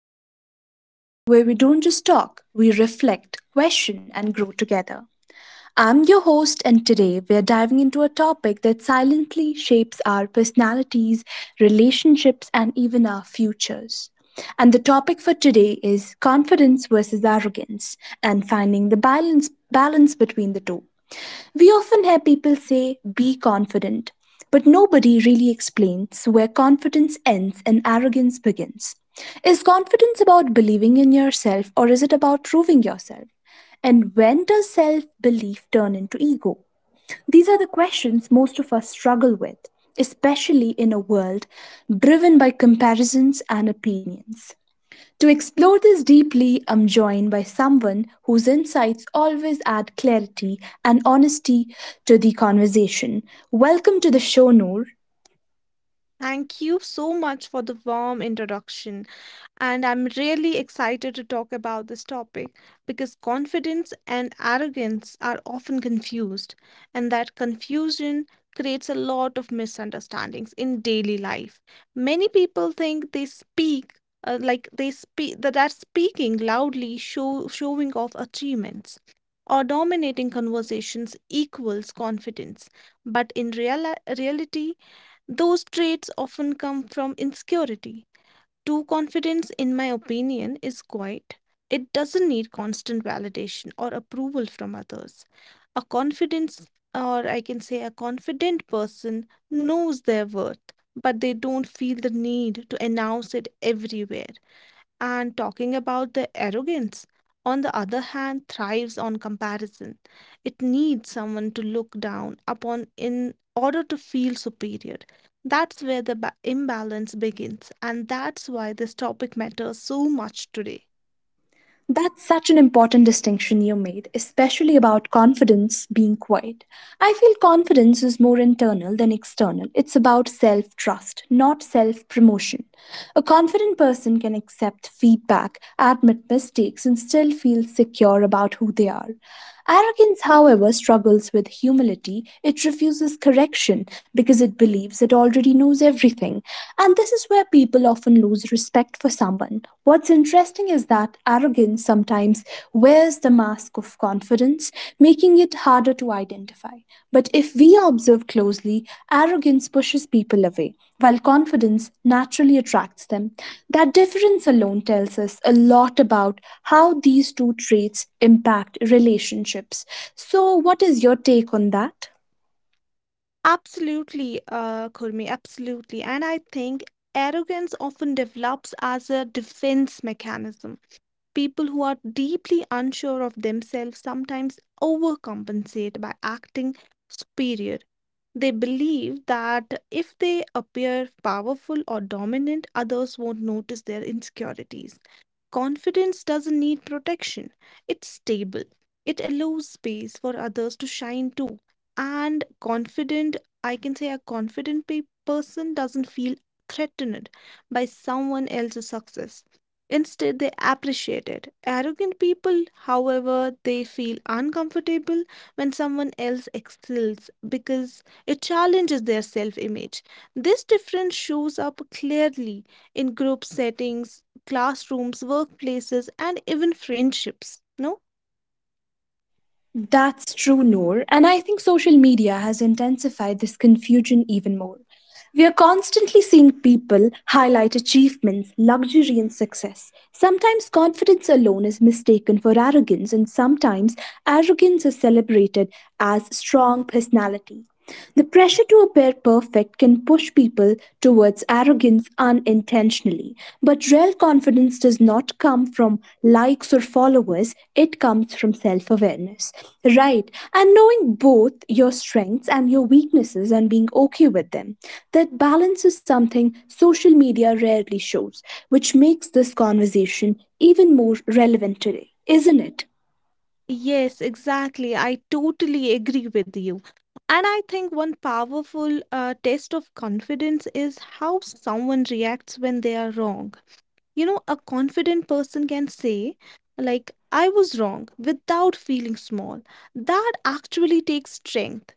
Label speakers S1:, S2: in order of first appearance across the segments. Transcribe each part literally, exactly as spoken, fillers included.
S1: Minds, the space where we don't just talk, we reflect, question, and grow together. I'm your host, and today we're diving into a topic that silently shapes our personalities, relationships, and even our futures. And the topic for today is confidence versus arrogance and finding the balance, balance between the two. We often hear people say, be confident, but nobody really explains where confidence ends and arrogance begins. Is confidence about believing in yourself or is it about proving yourself? And when does self belief turn into ego? These are the questions most of us struggle with, especially in a world driven by comparisons and opinions. To explore this deeply, I'm joined by someone whose insights always add clarity and honesty to the conversation. Welcome to the show, Noor.
S2: Thank you so much for the warm introduction. And I'm really excited to talk about this topic because confidence and arrogance are often confused, and that confusion creates a lot of misunderstandings in daily life. Many people think they speak. Uh, like they speak that are speaking loudly show showing off achievements or dominating conversations equals confidence, but in real reality those traits often come from insecurity. True confidence, in my opinion, is quiet. It doesn't need constant validation or approval from others. A confidence, or I can say a confident person, knows their worth, but they don't feel the need to announce it everywhere. And talking about the arrogance, on the other hand, thrives on comparison. It needs someone to look down upon in order to feel superior. That's where the ba- imbalance begins, and that's why this topic matters so much today.
S1: That's such an important distinction you made, especially about confidence being quiet. I feel confidence is more internal than external. It's about self trust, not self promotion. A confident person can accept feedback, admit mistakes, and still feel secure about who they are. Arrogance, however, struggles with humility. It refuses correction because it believes it already knows everything. And this is where people often lose respect for someone. What's interesting is that arrogance sometimes wears the mask of confidence, making it harder to identify. But if we observe closely, arrogance pushes people away, while confidence naturally attracts them. That difference alone tells us a lot about how these two traits impact relationships. So, what is your take on that?
S2: Absolutely, uh, Kurmi, absolutely. And I think arrogance often develops as a defense mechanism. People who are deeply unsure of themselves sometimes overcompensate by acting superior. They believe that if they appear powerful or dominant, others won't notice their insecurities. Confidence doesn't need protection, it's stable. It allows space for others to shine too. And confident, I can say a confident pe- person doesn't feel threatened by someone else's success. Instead, they appreciate it. Arrogant people, however, they feel uncomfortable when someone else excels because it challenges their self image. This difference shows up clearly in group settings: classrooms, workplaces, and even friendships. No?
S1: That's true, Noor. And I think social media has intensified this confusion even more. We are constantly seeing people highlight achievements, luxury, and success. Sometimes confidence alone is mistaken for arrogance, and sometimes arrogance is celebrated as strong personality. The pressure to appear perfect can push people towards arrogance unintentionally, but real confidence does not come from likes or followers, it comes from self awareness. Right, and knowing both your strengths and your weaknesses and being okay with them. That balance is something social media rarely shows, which makes this conversation even more relevant today, isn't it?
S2: Yes, exactly. I totally agree with you. And I think one powerful uh, test of confidence is how someone reacts when they are wrong. You know, a confident person can say, like, I was wrong without feeling small. That actually takes strength.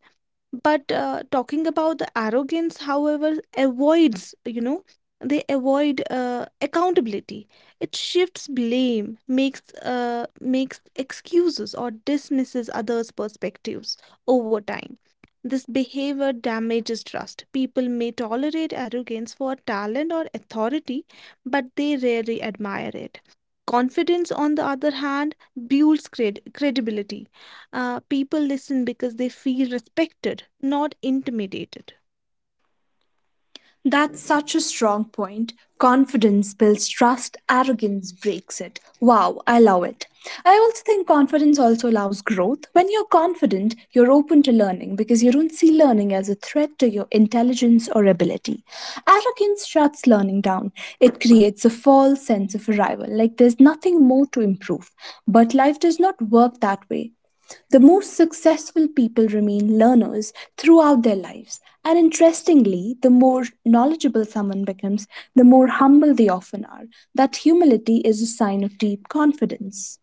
S2: But uh, talking about the arrogance, however, avoids you know they avoid uh, accountability. It shifts blame, makes uh, makes excuses or dismisses others' perspectives. Over time, this behavior damages trust. People may tolerate arrogance for talent or authority, but they rarely admire it. Confidence, on the other hand, builds cred- credibility. Uh, people listen because they feel respected, not intimidated.
S1: That's such a strong point. Confidence builds trust, arrogance breaks it. Wow, I love it. I also think confidence also allows growth. When you're confident, you're open to learning because you don't see learning as a threat to your intelligence or ability. Arrogance shuts learning down. It creates a false sense of arrival, like there's nothing more to improve. But life does not work that way. The most successful people remain learners throughout their lives, and interestingly, the more knowledgeable someone becomes, the more humble they often are. That humility is a sign of deep confidence.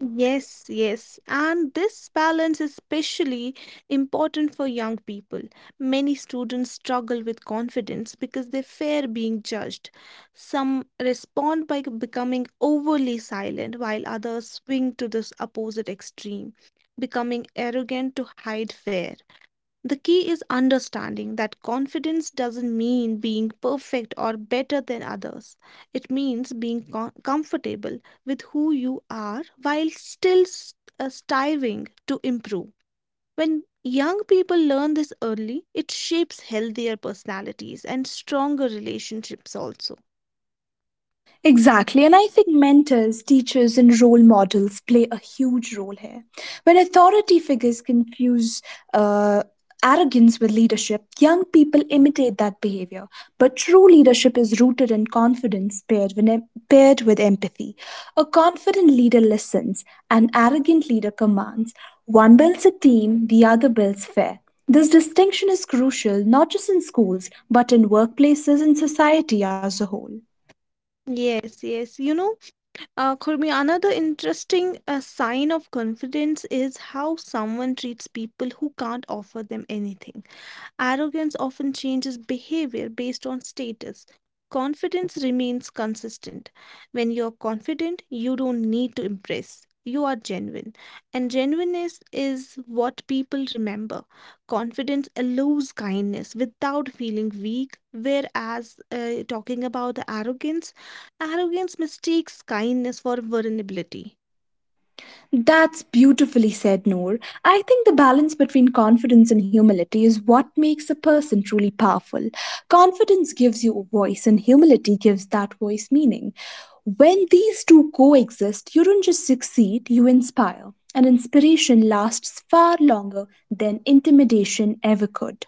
S2: Yes, yes. And this balance is especially important for young people. Many students struggle with confidence because they fear being judged. Some respond by becoming overly silent, while others swing to this opposite extreme, becoming arrogant to hide fear. The key is understanding that confidence doesn't mean being perfect or better than others. It means being co- comfortable with who you are while still s- uh, striving to improve. When young people learn this early, it shapes healthier personalities and stronger relationships also.
S1: Exactly. And I think mentors, teachers, and role models play a huge role here. When authority figures confuse uh, arrogance with leadership, young people imitate that behavior. But true leadership is rooted in confidence paired with, em- paired with empathy. A confident leader listens, an arrogant leader commands. One builds a team, the other builds fair. This distinction is crucial not just in schools, but in workplaces and society as a whole.
S2: Yes, yes. You know, uh, Khurmi, another interesting uh, sign of confidence is how someone treats people who can't offer them anything. Arrogance often changes behavior based on status. Confidence remains consistent. When you're confident, you don't need to impress. You are genuine. And genuineness is what people remember. Confidence allows kindness without feeling weak, whereas uh, talking about arrogance, arrogance mistakes kindness for vulnerability.
S1: That's beautifully said, Noor. I think the balance between confidence and humility is what makes a person truly powerful. Confidence gives you a voice, and humility gives that voice meaning. When these two coexist, you don't just succeed, you inspire. And inspiration lasts far longer than intimidation ever could.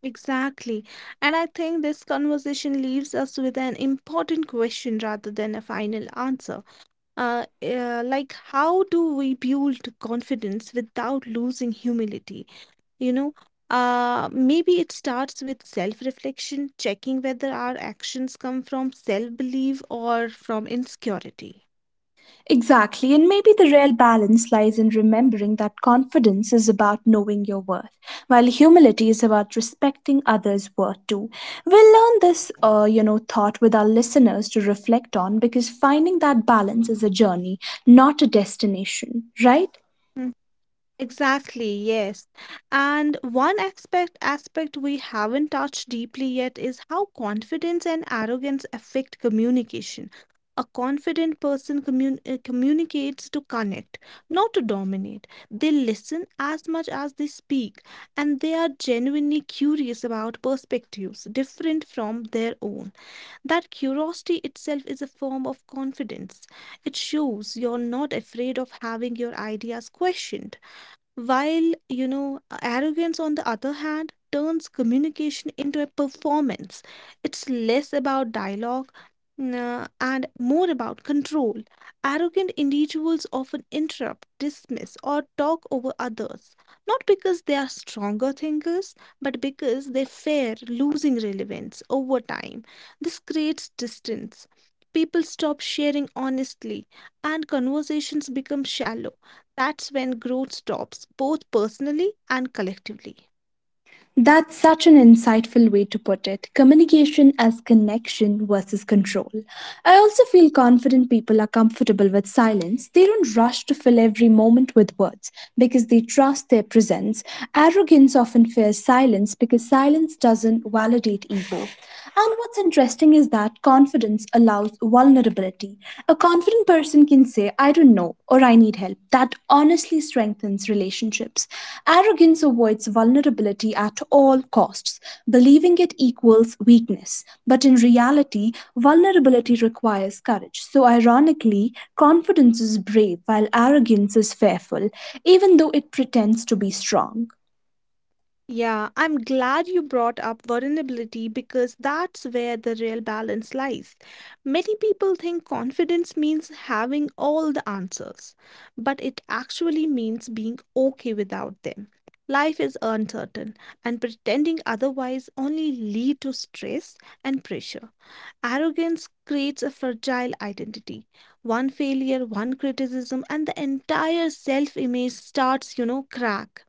S2: Exactly. And I think this conversation leaves us with an important question rather than a final answer. Uh, uh, like, how do we build confidence without losing humility? You know, uh, maybe it starts with self reflection, checking whether our actions come from self belief or from insecurity.
S1: Exactly, and maybe the real balance lies in remembering that confidence is about knowing your worth, while humility is about respecting others' worth too. We'll learn this, uh, you know, thought with our listeners to reflect on because finding that balance is a journey, not a destination, right?
S2: Hmm. Exactly, yes. And one aspect aspect we haven't touched deeply yet is how confidence and arrogance affect communication. A confident person commun- uh, communicates to connect, not to dominate. They listen as much as they speak, and they are genuinely curious about perspectives different from their own. That curiosity itself is a form of confidence. It shows you're not afraid of having your ideas questioned. While, you know, arrogance on the other hand turns communication into a performance. It's less about dialogue uh, and more about control. Arrogant individuals often interrupt, dismiss, or talk over others, not because they are stronger thinkers, but because they fear losing relevance over time. This creates distance. People stop sharing honestly, and conversations become shallow. That's when growth stops, both personally and collectively.
S1: That's such an insightful way to put it. Communication as connection versus control. I also feel confident people are comfortable with silence. They don't rush to fill every moment with words because they trust their presence. Arrogance often fears silence because silence doesn't validate ego. And what's interesting is that confidence allows vulnerability. A confident person can say, I don't know, or I need help. That honestly strengthens relationships. Arrogance avoids vulnerability at all costs. Believing it equals weakness. But in reality, vulnerability requires courage. So, ironically, confidence is brave while arrogance is fearful, even though it pretends to be strong.
S2: Yeah, I'm glad you brought up vulnerability because that's where the real balance lies. Many people think confidence means having all the answers, but it actually means being okay without them. Life is uncertain, and pretending otherwise only lead to stress and pressure. Arrogance creates a fragile identity. One failure, one criticism, and the entire self image starts, you know, crack.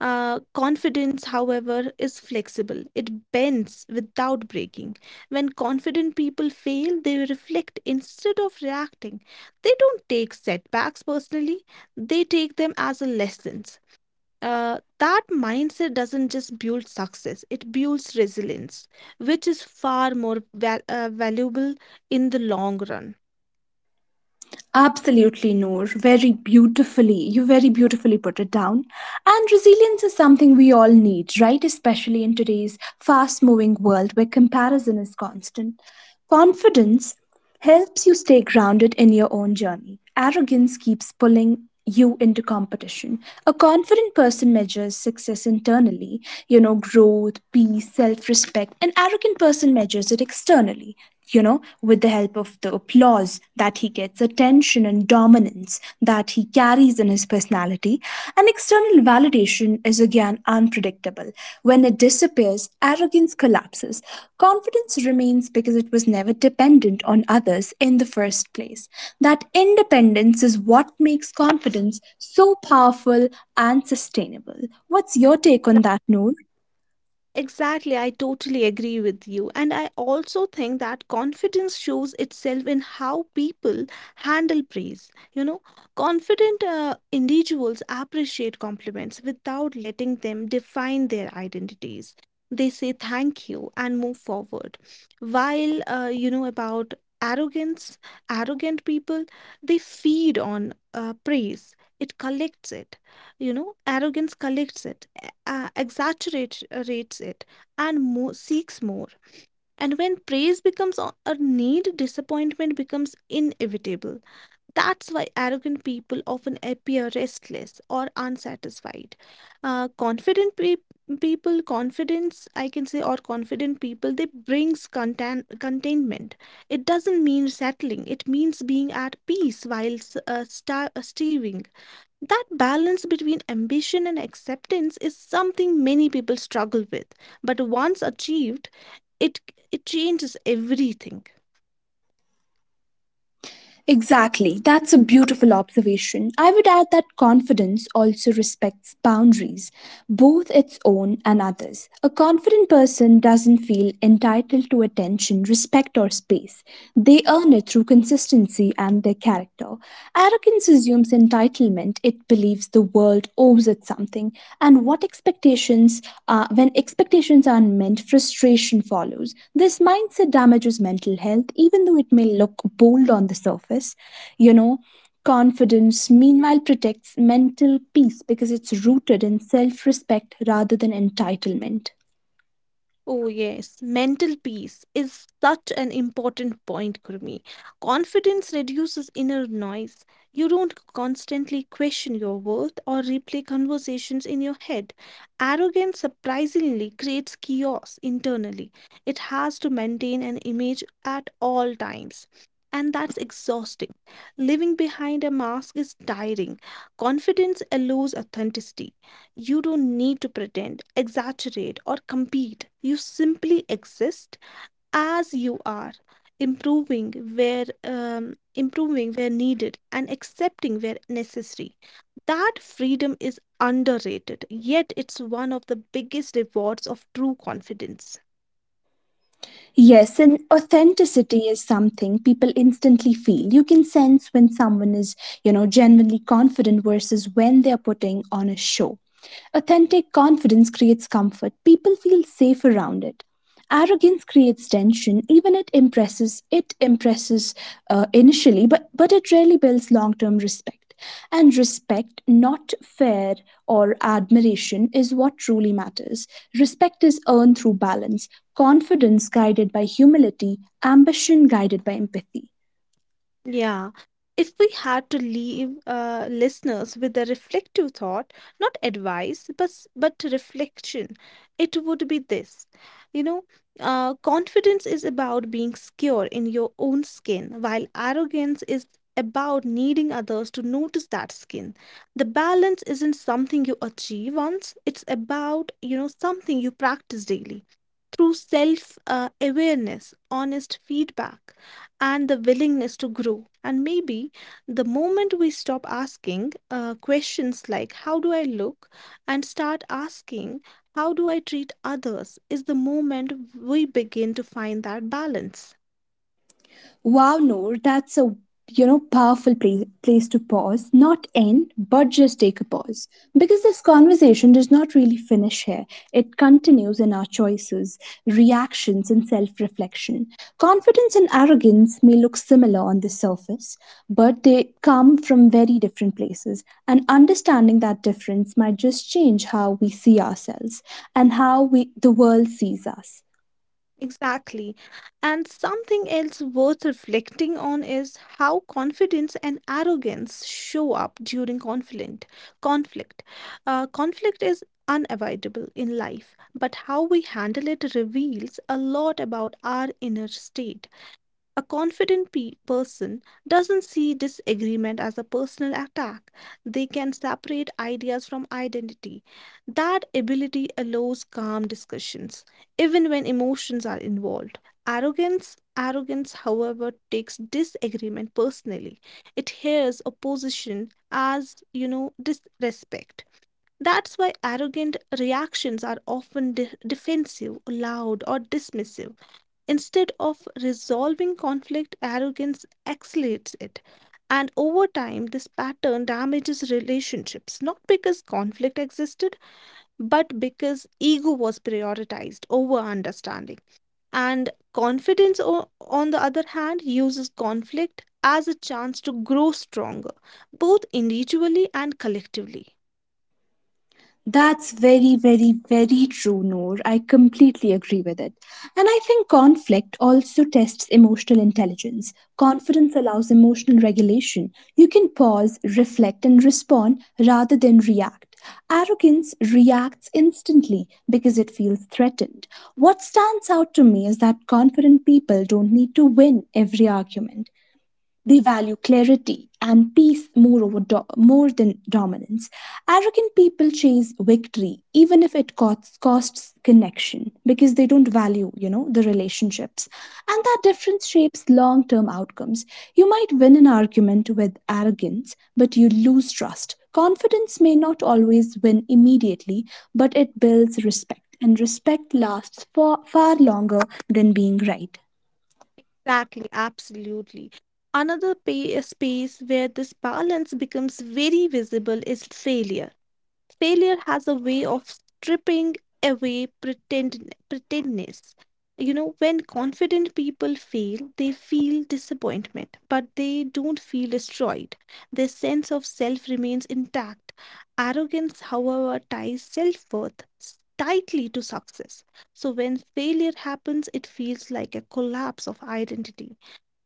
S2: Uh, confidence, however, is flexible, it bends without breaking. When confident people fail, they reflect instead of reacting. They don't take setbacks personally, they take them as a lesson. Uh, that mindset doesn't just build success, it builds resilience, which is far more val- uh, valuable in the long run.
S1: Absolutely, Noor. Very beautifully. You very beautifully put it down. And resilience is something we all need, right? Especially in today's fast moving world where comparison is constant. Confidence helps you stay grounded in your own journey. Arrogance keeps pulling you into competition. A confident person measures success internally, you know, growth, peace, self respect. An arrogant person measures it externally, you know, with the help of the applause that he gets, attention and dominance that he carries in his personality, and external validation is again unpredictable. When it disappears, arrogance collapses. Confidence remains because it was never dependent on others in the first place. That independence is what makes confidence so powerful and sustainable. What's your take on that, Noor?
S2: Exactly, I totally agree with you. And I also think that confidence shows itself in how people handle praise. You know, confident uh, individuals appreciate compliments without letting them define their identities. They say thank you and move forward. While, uh, you know, about arrogance, arrogant people, they feed on uh, praise, it collects it you know, arrogance collects it, e- uh, exaggerates uh, rates it, and more, seeks more. And when praise becomes a a need, disappointment becomes inevitable. That's why arrogant people often appear restless or unsatisfied. Uh, confident pe- people, confidence, I can say, or confident people, they brings contain- containment. It doesn't mean settling. It means being at peace while s- uh, sta- uh, steering that balance between ambition and acceptance is something many people struggle with, but once achieved, it, it changes everything.
S1: Exactly. That's a beautiful observation. I would add that confidence also respects boundaries, both its own and others. A confident person doesn't feel entitled to attention, respect, or space. They earn it through consistency and and their character. Arrogance assumes entitlement, it believes the world owes it something, and what expectations, uh, when expectations aren't met, frustration follows. This mindset damages mental health, even though it may look bold on the surface. You know, confidence meanwhile protects mental peace because it's rooted in self respect rather than entitlement.
S2: Oh, yes. Mental peace is such an important point, Gurmeet. Confidence reduces inner noise. You don't constantly question your worth or replay conversations in your head. Arrogance surprisingly creates chaos internally. It has to maintain an image at all times. And that's exhausting. Living behind a mask is tiring. Confidence allows authenticity. You don't need to pretend, exaggerate, or compete. You simply exist as you are, improving where um, improving where needed and accepting where necessary. That freedom is underrated, yet it's one of the biggest rewards of true confidence.
S1: Yes, and authenticity is something people instantly feel. You can sense when someone is, you know, genuinely confident versus when they're putting on a show. Authentic confidence creates comfort. People feel safe around it. Arrogance creates tension, even it impresses it impresses uh, initially, but but it rarely builds long term respect. And respect, not fear or admiration, is what truly matters. Respect is earned through balance, confidence guided by humility, ambition guided by empathy.
S2: Yeah. If we had to leave uh, listeners with a reflective thought, not advice, but s- but reflection, it would be this. You know, uh, confidence is about being secure in your own skin, while arrogance is about needing others to notice that skin. The balance isn't something you achieve once; it's about you know something you practice daily through self uh, awareness, honest feedback, and the willingness to grow. And maybe the moment we stop asking uh, questions like, How do I look? And start asking, How do I treat others? Is the moment we begin to find that balance.
S1: Wow, Noor, that's a, you know, powerful pla- place to pause, not end, but just take a pause because this conversation does not really finish here. It continues in our choices, reactions, and self-reflection. Confidence and arrogance may look similar on the surface, but they come from very different places, and understanding that difference might just change how we see ourselves and how we the world sees us.
S2: Exactly. And something else worth reflecting on is how confidence and arrogance show up during conflict. Conflict. Uh, conflict is unavoidable in life, but how we handle it reveals a lot about our inner state. A confident pe- person doesn't see disagreement as a personal attack. They can separate ideas from identity. That ability allows calm discussions, even when emotions are involved. Arrogance, arrogance, however, takes disagreement personally. It hears opposition as, you know, disrespect. That's why arrogant reactions are often de- defensive, loud, or dismissive. Instead of resolving conflict, arrogance accelerates it. And over time, this pattern damages relationships, not because conflict existed, but because ego was prioritized over understanding. And confidence, o- on the other hand, uses conflict as a chance to grow stronger, both individually and collectively.
S1: That's very, very, very true, Noor. I completely agree with it. And I think conflict also tests emotional intelligence. Confidence allows emotional regulation. You can pause, reflect, and respond rather than react. Arrogance reacts instantly because it feels threatened. What stands out to me is that confident people don't need to win every argument. They value clarity and peace more, over do- more than dominance. Arrogant people chase victory, even if it costs, costs connection, because they don't value, you know, the relationships. And that difference shapes long-term outcomes. You might win an argument with arrogance, but you lose trust. Confidence may not always win immediately, but it builds respect, and respect lasts for far longer than being right.
S2: Exactly, absolutely. Another pay, space where this balance becomes very visible is failure. Failure has a way of stripping away pretend, pretendness. You know, when confident people fail, they feel disappointment, but they don't feel destroyed. Their sense of self remains intact. Arrogance, however, ties self worth tightly to success. So when failure happens, it feels like a collapse of identity.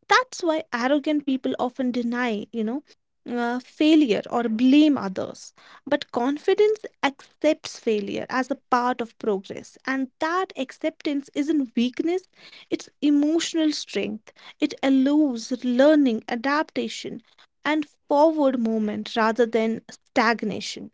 S2: That's why arrogant people often deny, you know, uh, failure or blame others. But confidence accepts failure as a part of progress. And that acceptance isn't weakness, it's emotional strength. It allows learning, adaptation, and forward movement rather than stagnation.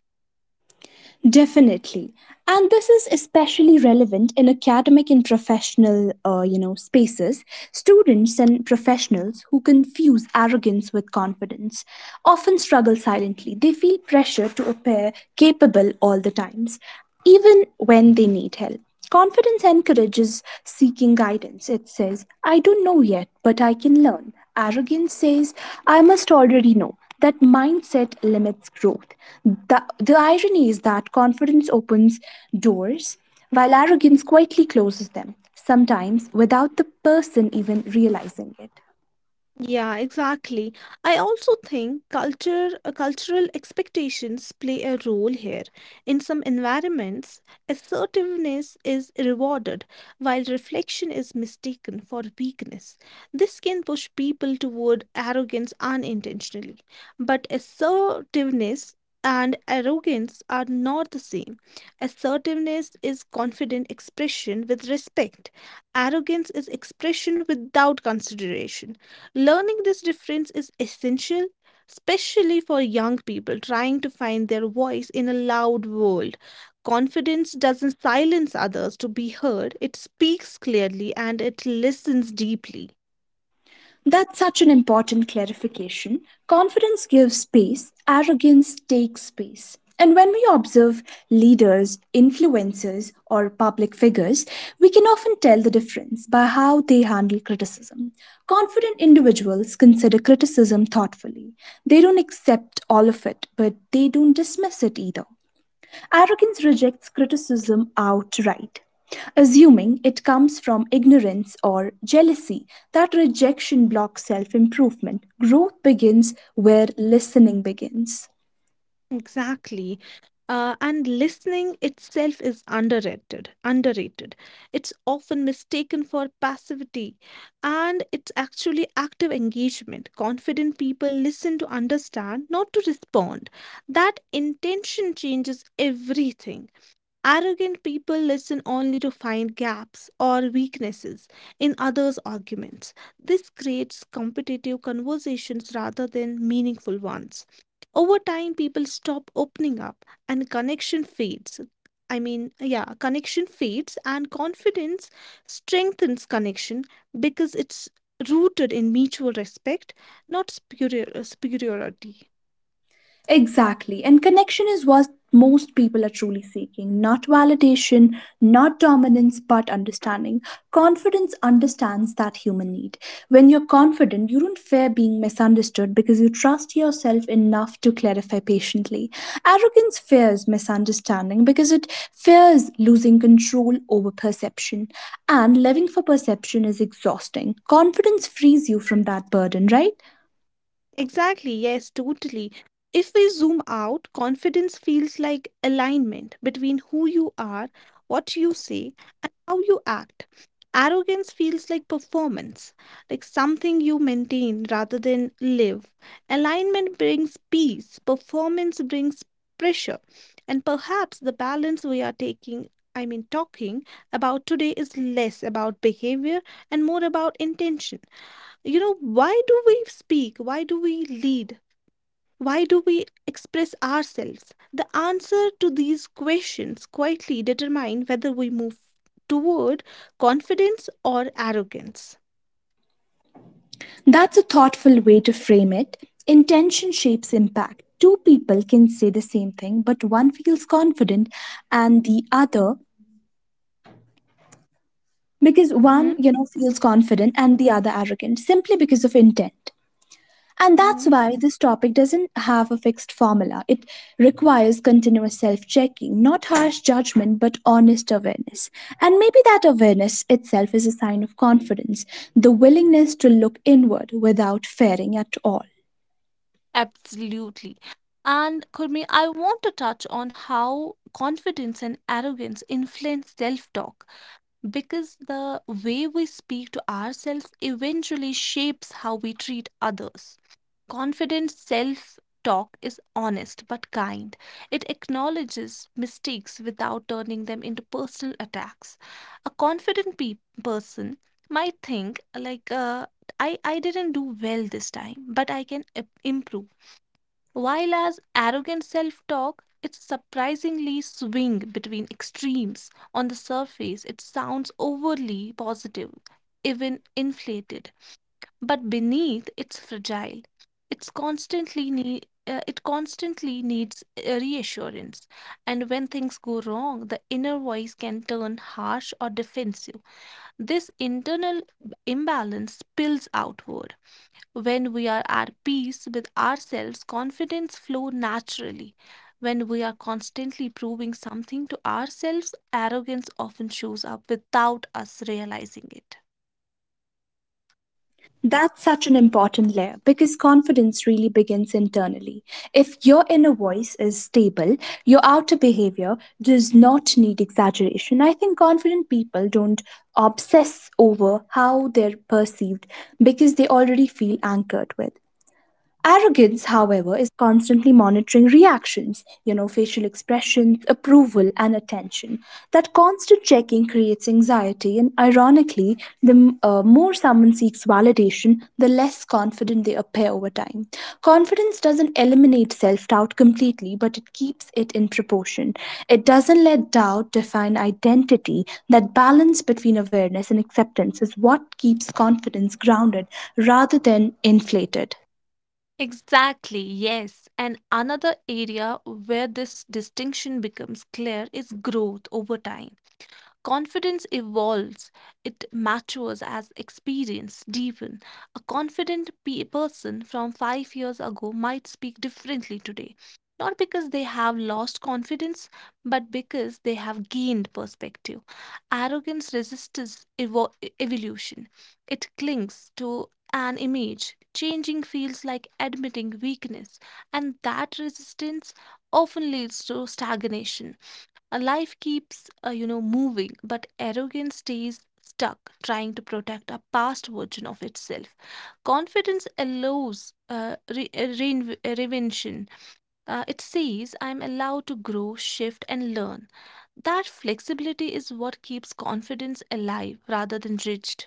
S1: Definitely. And this is especially relevant in academic and professional, uh, you know, spaces. Students and professionals who confuse arrogance with confidence often struggle silently. They feel pressure to appear capable all the times, even when they need help. Confidence encourages seeking guidance. It says, I don't know yet, but I can learn. Arrogance says, I must already know. That mindset limits growth. The, the irony is that confidence opens doors while arrogance quietly closes them, sometimes without the person even realizing it.
S2: Yeah, exactly. I also think culture, uh, cultural expectations play a role here. In some environments, assertiveness is rewarded, while reflection is mistaken for weakness. This can push people toward arrogance unintentionally. But assertiveness and arrogance are not the same. Assertiveness is confident expression with respect. Arrogance is expression without consideration. Learning this difference is essential, especially for young people trying to find their voice in a loud world. Confidence doesn't silence others to be heard, it speaks clearly and it listens deeply.
S1: That's such an important clarification. Confidence gives space, arrogance takes space. And when we observe leaders, influencers, or public figures, we can often tell the difference by how they handle criticism. Confident individuals consider criticism thoughtfully. They don't accept all of it, but they don't dismiss it either. Arrogance rejects criticism outright, assuming it comes from ignorance or jealousy. That rejection blocks self improvement. Growth begins where listening begins.
S2: Exactly. Uh, and listening itself is underrated. Underrated. It's often mistaken for passivity, and it's actually active engagement. Confident people listen to understand, not to respond. That intention changes everything. Arrogant people listen only to find gaps or weaknesses in others' arguments. This creates competitive conversations rather than meaningful ones. Over time, people stop opening up and connection fades. I mean, yeah, connection fades and confidence strengthens connection because it's rooted in mutual respect, not superior- superiority.
S1: Exactly. And connection is what most people are truly seeking, not validation, not dominance, but understanding. Confidence understands that human need. When you're confident, you don't fear being misunderstood because you trust yourself enough to clarify patiently. Arrogance fears misunderstanding because it fears losing control over perception. And living for perception is exhausting. Confidence frees you from that burden, right?
S2: Exactly, yes, totally. If we zoom out, confidence feels like alignment between who you are, what you say, and how you act. Arrogance feels like performance, like something you maintain rather than live. Alignment brings peace, performance brings pressure. And perhaps the balance we are taking, I mean, talking about today is less about behavior and more about intention. You know why do we speak? Why do we lead? Why do we express ourselves? The answer to these questions quietly determine whether we move toward confidence or arrogance.
S1: That's a thoughtful way to frame it. Intention shapes impact. Two people can say the same thing, but one feels confident and the other, because one,
S2: Mm-hmm.
S1: you know, feels confident and the other arrogant simply because of intent. And
S2: Mm-hmm.
S1: that's why this topic doesn't have a fixed formula. It requires continuous self-checking, not harsh judgment, but honest awareness. And maybe that awareness itself is a sign of confidence, the willingness to look inward without fearing at all.
S2: Absolutely. And Kurmi, I want to touch on how confidence and arrogance influence self talk because the way we speak to ourselves eventually shapes how we treat others. Confident self talk is honest but kind. It acknowledges mistakes without turning them into personal attacks. A confident pe- person might think, like, uh, I, I didn't do well this time, but I can i- improve. While as arrogant self talk, it surprisingly swing between extremes. On the surface, it sounds overly positive, even inflated, but beneath it's fragile, it's constantly need uh, it constantly needs uh, reassurance. And when things go wrong, the inner voice can turn harsh or defensive. This internal imbalance spills outward. When we are at peace with ourselves, confidence flows naturally. When we are constantly proving something to ourselves, arrogance often shows up without us realizing it.
S1: That's such an important layer because confidence really begins internally. If your inner voice is stable, your outer behavior does not need exaggeration. I think confident people don't obsess over how they're perceived because they already feel anchored with. Arrogance, however, is constantly monitoring reactions, you know, facial expressions, approval, and attention. That constant checking creates anxiety, and ironically, the uh, more someone seeks validation, the less confident they appear over time. Confidence doesn't eliminate self doubt completely, but it keeps it in proportion. It doesn't let doubt define identity. That balance between awareness and acceptance is what keeps confidence grounded rather than inflated.
S2: Exactly, yes. And another area where this distinction becomes clear is growth over time. Confidence evolves, it matures as experience deepens. A confident pe- person from five years ago might speak differently today, not because they have lost confidence, but because they have gained perspective. Arrogance resists evo- evolution, it clings to an image. Changing feels like admitting weakness, and that resistance often leads to stagnation. A life keeps, uh, you know, moving, but arrogance stays stuck trying to protect a past version of itself. Confidence allows uh, re- uh, reinv- uh, reinvention. Uh, it says, I'm allowed to grow, shift, and learn. That flexibility is what keeps confidence alive rather than rigid.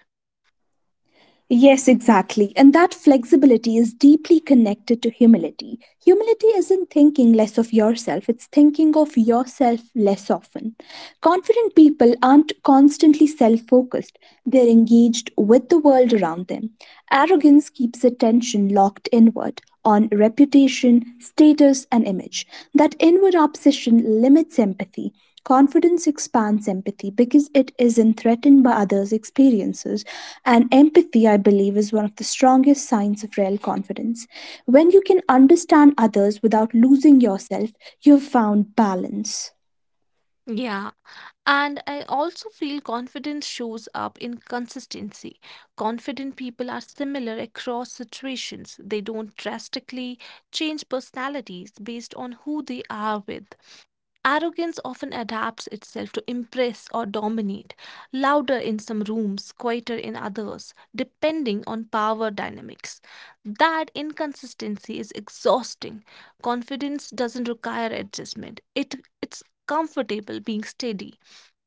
S1: Yes, exactly. And that flexibility is deeply connected to humility. Humility isn't thinking less of yourself, it's thinking of yourself less often. Confident people aren't constantly self focused, they're engaged with the world around them. Arrogance keeps attention locked inward on reputation, status, and image. That inward obsession limits empathy. Confidence expands empathy because it isn't threatened by others' experiences, and empathy, I believe, is one of the strongest signs of real confidence. When you can understand others without losing yourself, you've found balance.
S2: Yeah, and I also feel confidence shows up in consistency. Confident people are similar across situations. They don't drastically change personalities based on who they are with. Arrogance often adapts itself to impress or dominate, louder in some rooms, quieter in others, depending on power dynamics. That inconsistency is exhausting. Confidence doesn't require adjustment, it, it's comfortable being steady.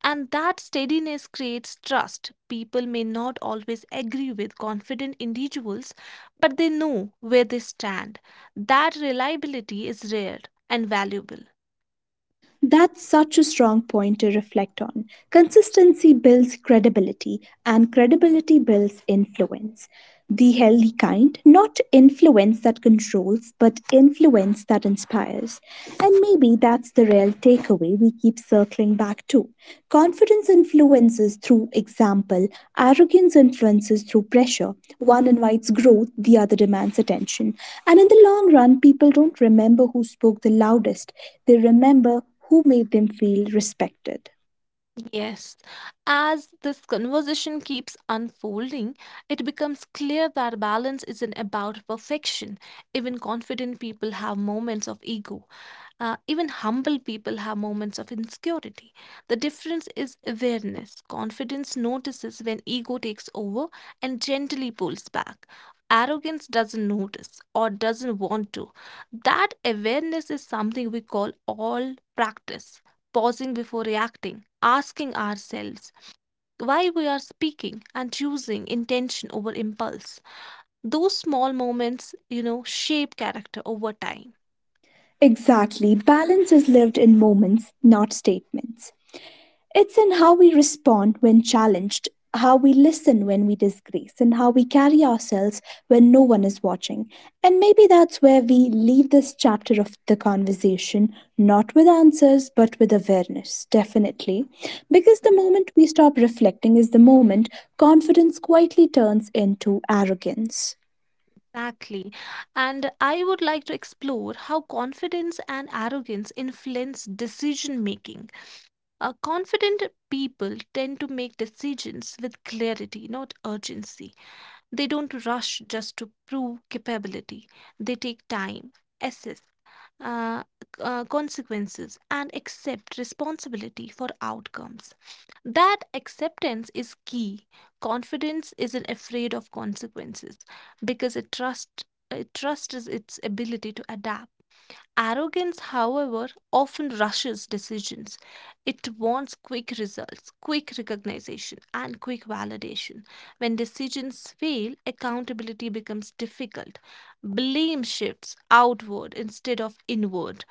S2: And that steadiness creates trust. People may not always agree with confident individuals, but they know where they stand. That reliability is rare and valuable.
S1: That's such a strong point to reflect on. Consistency builds credibility, and credibility builds influence. The healthy kind, not influence that controls, but influence that inspires. And maybe that's the real takeaway we keep circling back to. Confidence influences through example, arrogance influences through pressure. One invites growth, the other demands attention. And in the long run, people don't remember who spoke the loudest, they remember who made them feel respected.
S2: Yes. As this conversation keeps unfolding, it becomes clear that balance isn't about perfection. Even confident people have moments of ego. Uh, even humble people have moments of insecurity. The difference is awareness. Confidence notices when ego takes over and gently pulls back. Arrogance doesn't notice or doesn't want to. That awareness is something we call all practice, pausing before reacting, asking ourselves why we are speaking, and choosing intention over impulse. Those small moments, you know, shape character over time.
S1: Exactly, balance is lived in moments, not statements. It's in how we respond when challenged, how we listen when we disgrace, and how we carry ourselves when no one is watching. And maybe that's where we leave this chapter of the conversation, not with answers, but with awareness, definitely. Because the moment we stop reflecting is the moment confidence quietly turns into arrogance.
S2: Exactly. And I would like to explore how confidence and arrogance influence decision making. Uh, confident people tend to make decisions with clarity, not urgency. They don't rush just to prove capability, they take time, assess uh, uh, consequences and accept responsibility for outcomes. That acceptance is key. Confidence isn't afraid of consequences because it trusts it trusts its ability to adapt. Arrogance, however, often rushes decisions. It wants quick results, quick recognition, and quick validation. When decisions fail, accountability becomes difficult. Blame shifts outward instead of inward.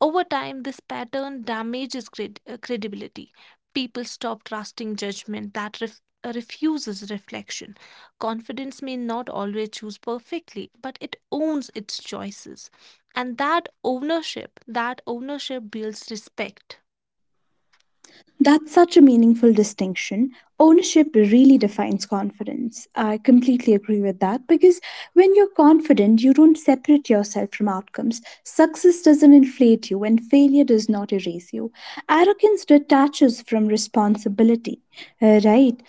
S2: Over time, this pattern damages cred- uh, credibility. People stop trusting judgment that ref- uh, refuses reflection. Confidence may not always choose perfectly, but it owns its choices. And that ownership, that ownership builds respect.
S1: That's such a meaningful distinction. Ownership really defines confidence. I completely agree with that because when you're confident, you don't separate yourself from outcomes. Success doesn't inflate you, and failure does not erase you. Arrogance detaches from responsibility. Uh, right?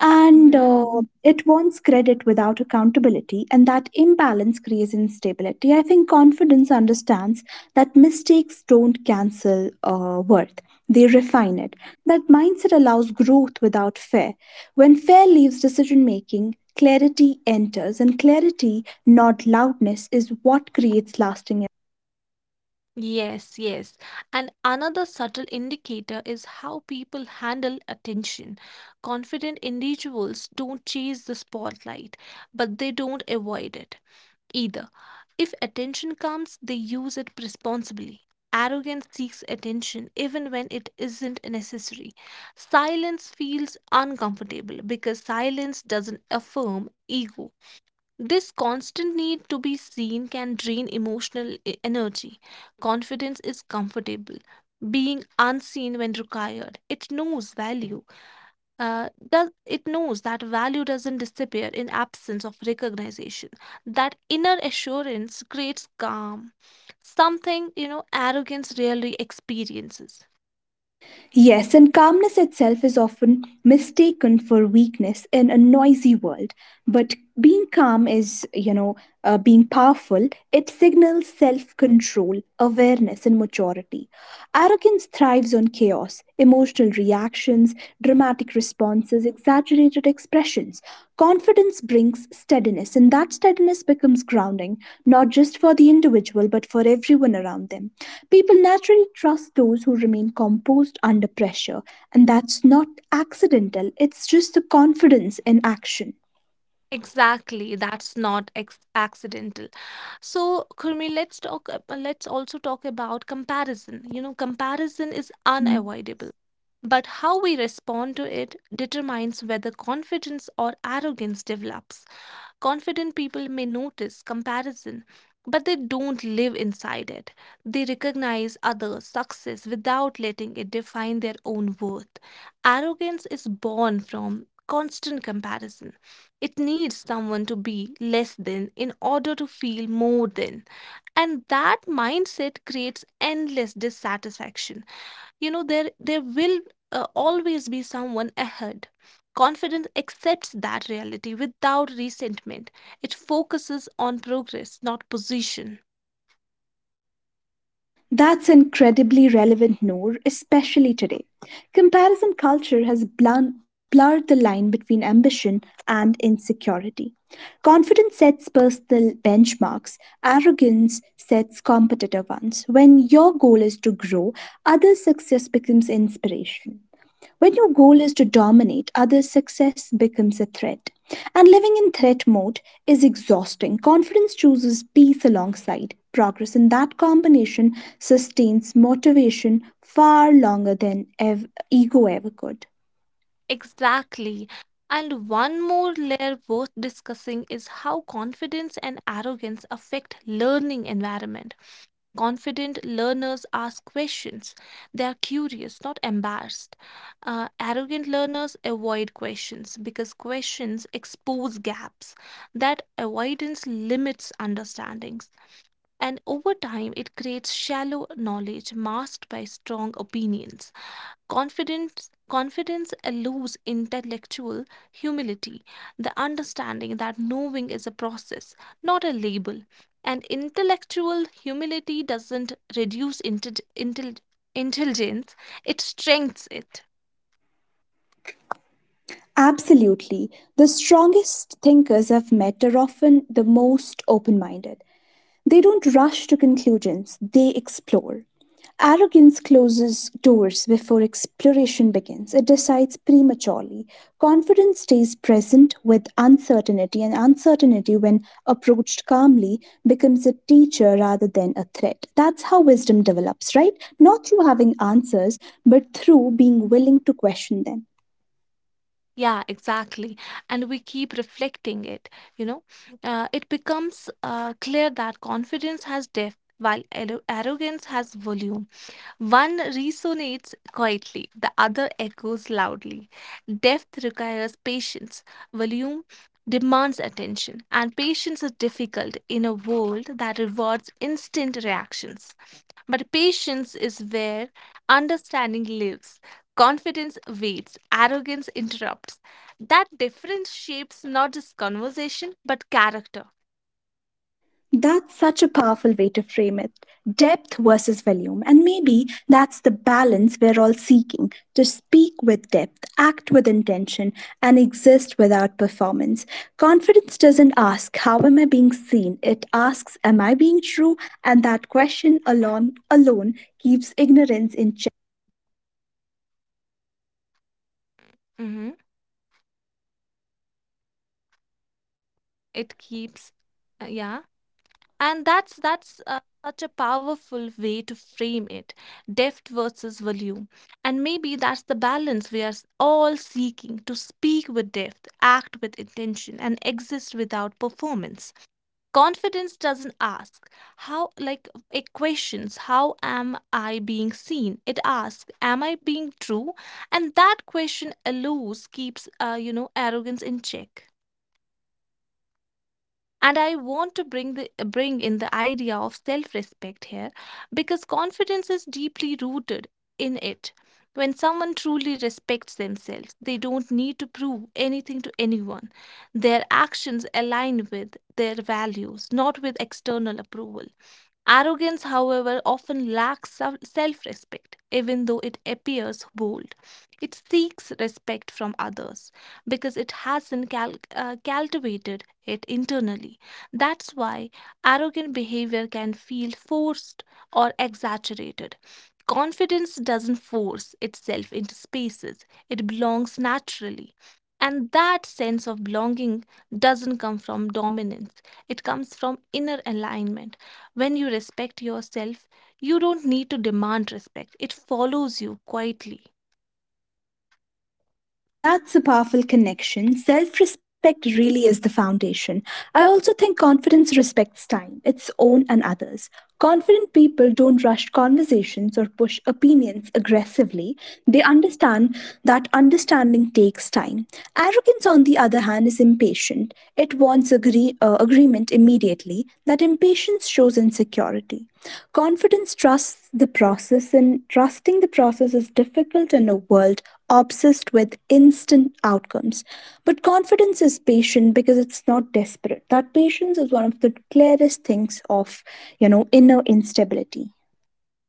S1: And
S2: Mhm.
S1: uh, it wants credit without accountability, and that imbalance creates instability. I think confidence understands that mistakes don't cancel uh, worth, they refine it. That mindset allows growth without fear. When fear leaves decision making, clarity enters, and clarity, not loudness, is what creates lasting.
S2: Yes, yes. And another subtle indicator is how people handle attention. Confident individuals don't chase the spotlight, but they don't avoid it either. If attention comes, they use it responsibly. Arrogance seeks attention even when it isn't necessary. Silence feels uncomfortable because silence doesn't affirm ego. This constant need to be seen can drain emotional e- energy. Confidence is comfortable being unseen when required, it knows value uh, does it knows that value doesn't disappear in absence of recognition. That inner assurance creates calm, something you know arrogance rarely experiences.
S1: Yes, and calmness itself is often mistaken for weakness in a noisy world. But being calm is, you know, uh, being powerful. It signals self control, awareness, and maturity. Arrogance thrives on chaos, emotional reactions, dramatic responses, exaggerated expressions. Confidence brings steadiness, and that steadiness becomes grounding, not just for the individual, but for everyone around them. People naturally trust those who remain composed under pressure, and that's not accidental, it's just the confidence in action.
S2: Exactly, that's not ex- accidental. So Kurmi, let's talk ab- let's also talk about comparison. You know comparison is unavoidable, but how we respond to it determines whether confidence or arrogance develops. Confident people may notice comparison, but they don't live inside it. They recognize others' success without letting it define their own worth. Arrogance is born from constant comparison. It needs someone to be less than in order to feel more than. And that mindset creates endless dissatisfaction. you know there there will uh, always be someone ahead. Confidence accepts that reality without resentment. It focuses on progress, not position.
S1: That's incredibly relevant, Noor, especially today. Comparison culture has blun- blurred the line between ambition and insecurity. Confidence sets personal benchmarks, arrogance sets competitive ones. When your goal is to grow, other success becomes inspiration. When your goal is to dominate others, success becomes a threat. And living in threat mode is exhausting. Confidence chooses peace alongside progress, and that combination sustains motivation far longer than ev- ego ever could.
S2: Exactly. And one more layer worth discussing is how confidence and arrogance affect learning environment. Confident learners ask questions. They are curious, not embarrassed. Uh, arrogant learners avoid questions because questions expose gaps. That avoidance limits understandings. And over time, it creates shallow knowledge masked by strong opinions. Confidence, confidence eludes intellectual humility, the understanding that knowing is a process, not a label. And intellectual humility doesn't reduce intel- intel- intelligence, it strengthens it.
S1: Absolutely. The strongest thinkers I've met are often the most open minded. They don't rush to conclusions, they explore. Arrogance closes doors before exploration begins. It decides prematurely. Confidence stays present with uncertainty, and uncertainty, when approached calmly, becomes a teacher rather than a threat. That's how wisdom develops, right? Not through having answers, but through being willing to question them.
S2: Yeah, exactly. And we keep reflecting it, you know. Uh, it becomes uh, clear that confidence has depth, while arro- arrogance has volume. One resonates quietly, the other echoes loudly. Depth requires patience, volume demands attention, and patience is difficult in a world that rewards instant reactions. But patience is where understanding lives. Confidence waits, arrogance interrupts. That difference shapes not just conversation but character.
S1: That's such a powerful way to frame it: depth versus volume. And maybe that's the balance we're all seeking, to speak with depth, act with intention, and exist without performance. Confidence doesn't ask, "How am I being seen?" It asks, "Am I being true?" And that question alone, alone keeps ignorance in.
S2: Mhm. It keeps, uh, yeah. And that's that's uh, such a powerful way to frame it, depth versus volume. And maybe that's the balance we are s- all seeking to speak with depth, act with intention, and exist without performance. Confidence doesn't ask how, like, it questions, how am I being seen? It asks, am I being true? And that question alone keeps uh, you know arrogance in check. And I want to bring the bring in the idea of self respect here because confidence is deeply rooted in it. When someone truly respects themselves, they don't need to prove anything to anyone. Their actions align with their values, not with external approval. Arrogance, however, often lacks self respect, even though it appears bold. It seeks respect from others because it hasn't cal- uh, cultivated it internally. That's why arrogant behavior can feel forced or exaggerated. Confidence doesn't force itself into spaces, it belongs naturally. And that sense of belonging doesn't come from dominance, it comes from inner alignment. When you respect yourself, you don't need to demand respect, it follows you quietly.
S1: That's a powerful connection. Self respect really is the foundation. I also think confidence respects time, its own and others. Confident people don't rush conversations or push opinions aggressively. They understand that understanding takes time. Arrogance, on the other hand, is impatient. It wants agree, uh, agreement immediately. That impatience shows insecurity. Confidence trusts the process, and trusting the process is difficult in a world obsessed with instant outcomes. But confidence is patient because it's not desperate. That patience is one of the clearest things of, you know, inner instability.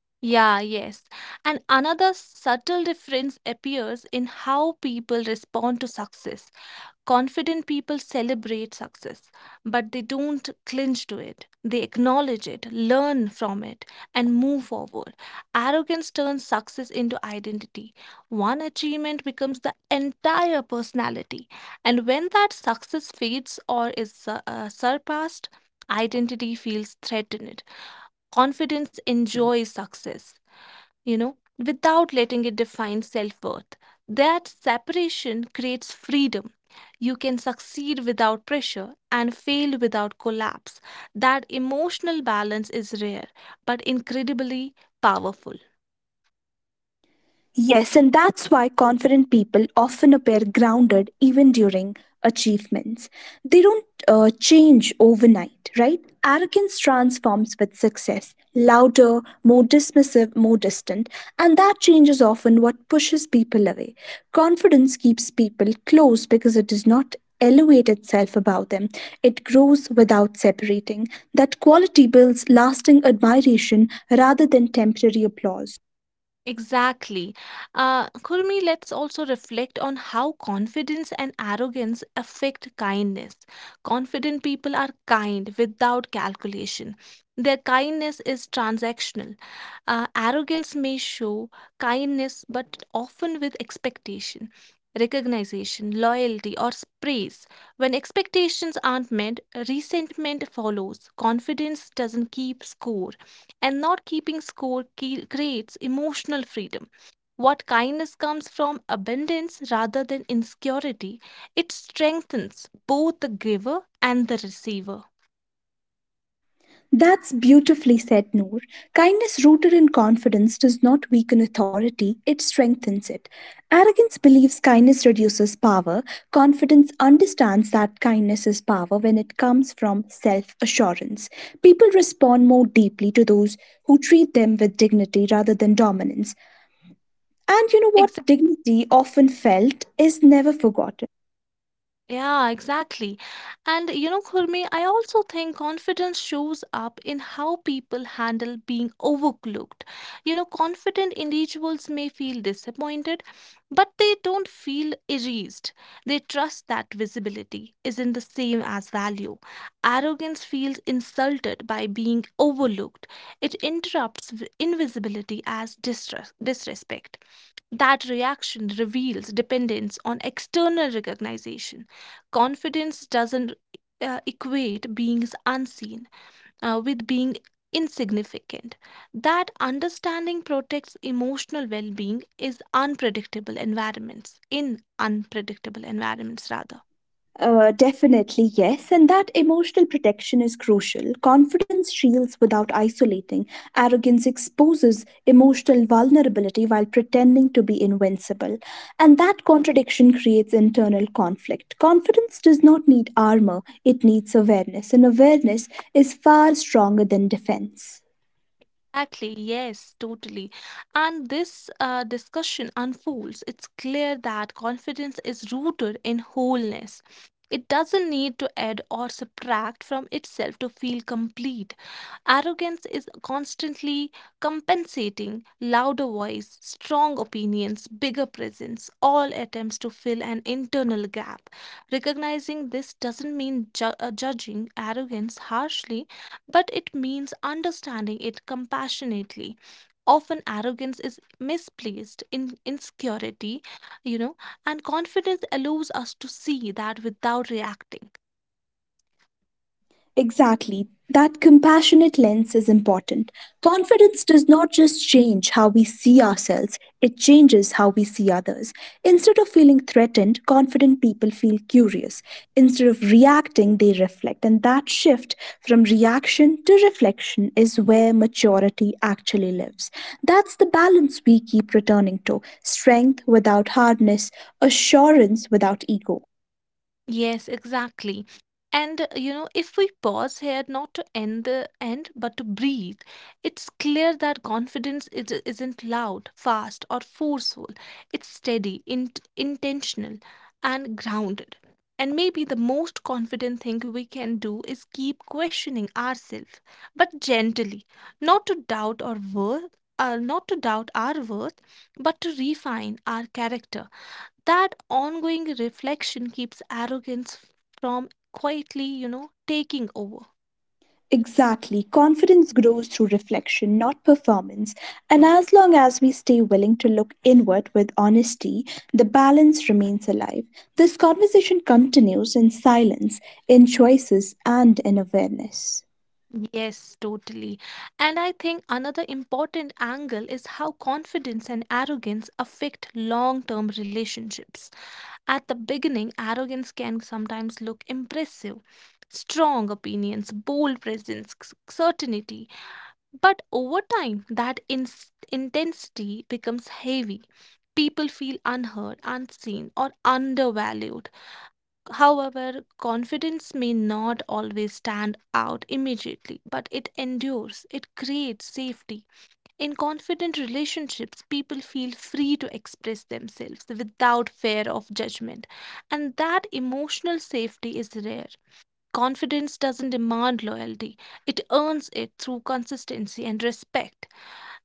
S2: Yeah, yes. And another subtle difference appears in how people respond to success. Confident people celebrate success, but they don't cling to it. They acknowledge it, learn from it, and move forward. Arrogance turns success into identity. One achievement becomes the entire personality. And when that success fades or is su- uh, surpassed, identity feels threatened. Confidence enjoys success you know, without letting it define self worth. That separation creates freedom. You can succeed without pressure and fail without collapse. That emotional balance is rare but incredibly powerful.
S1: Yes, and that's why confident people often appear grounded even during achievements. They don't uh, change overnight, right? Arrogance transforms with success, louder, more dismissive, more distant, and that change is often what pushes people away. Confidence keeps people close because it does not elevate itself above them, it grows without separating. That quality builds lasting admiration rather than temporary applause.
S2: Exactly. Uh, Kurmi, let's also reflect on how confidence and arrogance affect kindness. Confident people are kind without calculation. Their kindness is transactional. Uh, arrogance may show kindness, but often with expectation, recognition, loyalty, or praise. When expectations aren't met, resentment follows. Confidence doesn't keep score, and not keeping score ke- creates emotional freedom. What kindness comes from abundance rather than insecurity, it strengthens both the giver and the receiver.
S1: That's beautifully said, Noor. Kindness rooted in confidence does not weaken authority, it strengthens it. Arrogance believes kindness reduces power. Confidence understands that kindness is power when it comes from self assurance. People respond more deeply to those who treat them with dignity rather than dominance. And you know what?
S2: Exactly.
S1: Dignity, often felt, is never forgotten.
S2: Yeah, exactly. And you know, Khurmi, I also think confidence shows up in how people handle being overlooked. You know, confident individuals may feel disappointed, but they don't feel erased. They trust that visibility isn't the same as value. Arrogance feels insulted by being overlooked, it interrupts v- invisibility as distress, disrespect. That reaction reveals dependence on external recognition. Confidence doesn't uh, equate being unseen uh, with being insignificant. That understanding protects emotional well being is unpredictable environments, in unpredictable environments rather.
S1: Uh, definitely, yes. And that emotional protection is crucial. Confidence shields without isolating. Arrogance exposes emotional vulnerability while pretending to be invincible. And that contradiction creates internal conflict. Confidence does not need armor, it needs awareness. And awareness is far stronger than defense.
S2: Exactly, yes, totally. And this uh, discussion unfolds. It's clear that confidence is rooted in wholeness. It doesn't need to add or subtract from itself to feel complete. Arrogance is constantly compensating, louder voice, strong opinions, bigger presence, all attempts to fill an internal gap. Recognizing this doesn't mean ju- uh, judging arrogance harshly, but it means understanding it compassionately. Often, arrogance is misplaced in insecurity, you know, and confidence allows us to see that without reacting.
S1: Exactly. That compassionate lens is important. Confidence does not just change how we see ourselves, it changes how we see others. Instead of feeling threatened, confident people feel curious. Instead of reacting, they reflect. And that shift from reaction to reflection is where maturity actually lives. That's the balance we keep returning to: strength without hardness, assurance without ego.
S2: Yes, exactly. And uh, you know, if we pause here not to end the end, but to breathe, it's clear that confidence is, isn't loud, fast, or forceful. It's steady, in, intentional, and grounded. And maybe the most confident thing we can do is keep questioning ourselves, but gently, not to doubt our worth, uh, not to doubt our worth, but to refine our character. That ongoing reflection keeps arrogance from quietly, you know, taking over.
S1: Exactly. Confidence grows through reflection, not performance. And as long as we stay willing to look inward with honesty, the balance remains alive. This conversation continues in silence, in choices, and in awareness.
S2: Yes, totally. And I think another important angle is how confidence and arrogance affect long term relationships. At the beginning, arrogance can sometimes look impressive, strong opinions, bold presence, c- certainty. But over time, that ins intensity becomes heavy. People feel unheard, unseen, or undervalued. However, confidence may not always stand out immediately, but it endures, it creates safety. In confident relationships, people feel free to express themselves without fear of judgment, and that emotional safety is rare. Confidence doesn't demand loyalty, it earns it through consistency and respect.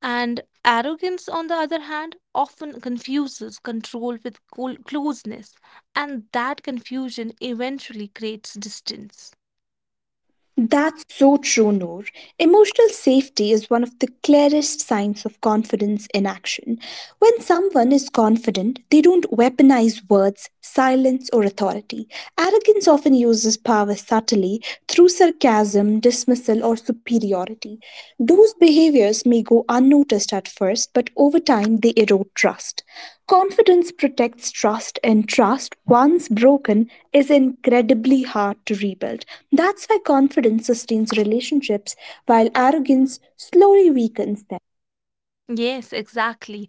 S2: And arrogance, on the other hand, often confuses control with col- closeness, and that confusion eventually creates distance.
S1: That's so true, Noor. Emotional safety is one of the clearest signs of confidence in action. When someone is confident, they don't weaponize words, silence, or authority. Arrogance often uses power subtly, through sarcasm, dismissal, or superiority. Those behaviors may go unnoticed at first, but over time they erode trust. Confidence protects trust, and trust, once broken, is incredibly hard to rebuild. That's why confidence sustains relationships, while arrogance slowly weakens them.
S2: Yes, exactly.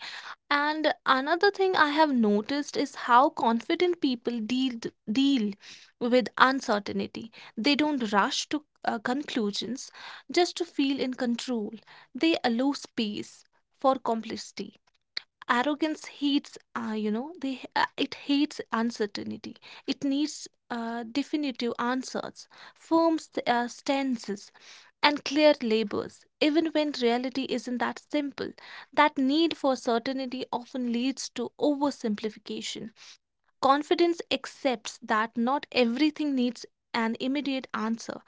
S2: And another thing I have noticed is how confident people deal deal with uncertainty. They don't rush to uh, conclusions just to feel in control. They allow space for complexity. Arrogance hates, uh, you know, they uh, it hates uncertainty. It needs uh, definitive answers, firm st- uh, stances and clear labels, even when reality isn't that simple. That need for certainty often leads to oversimplification. Confidence accepts that not everything needs an immediate answer,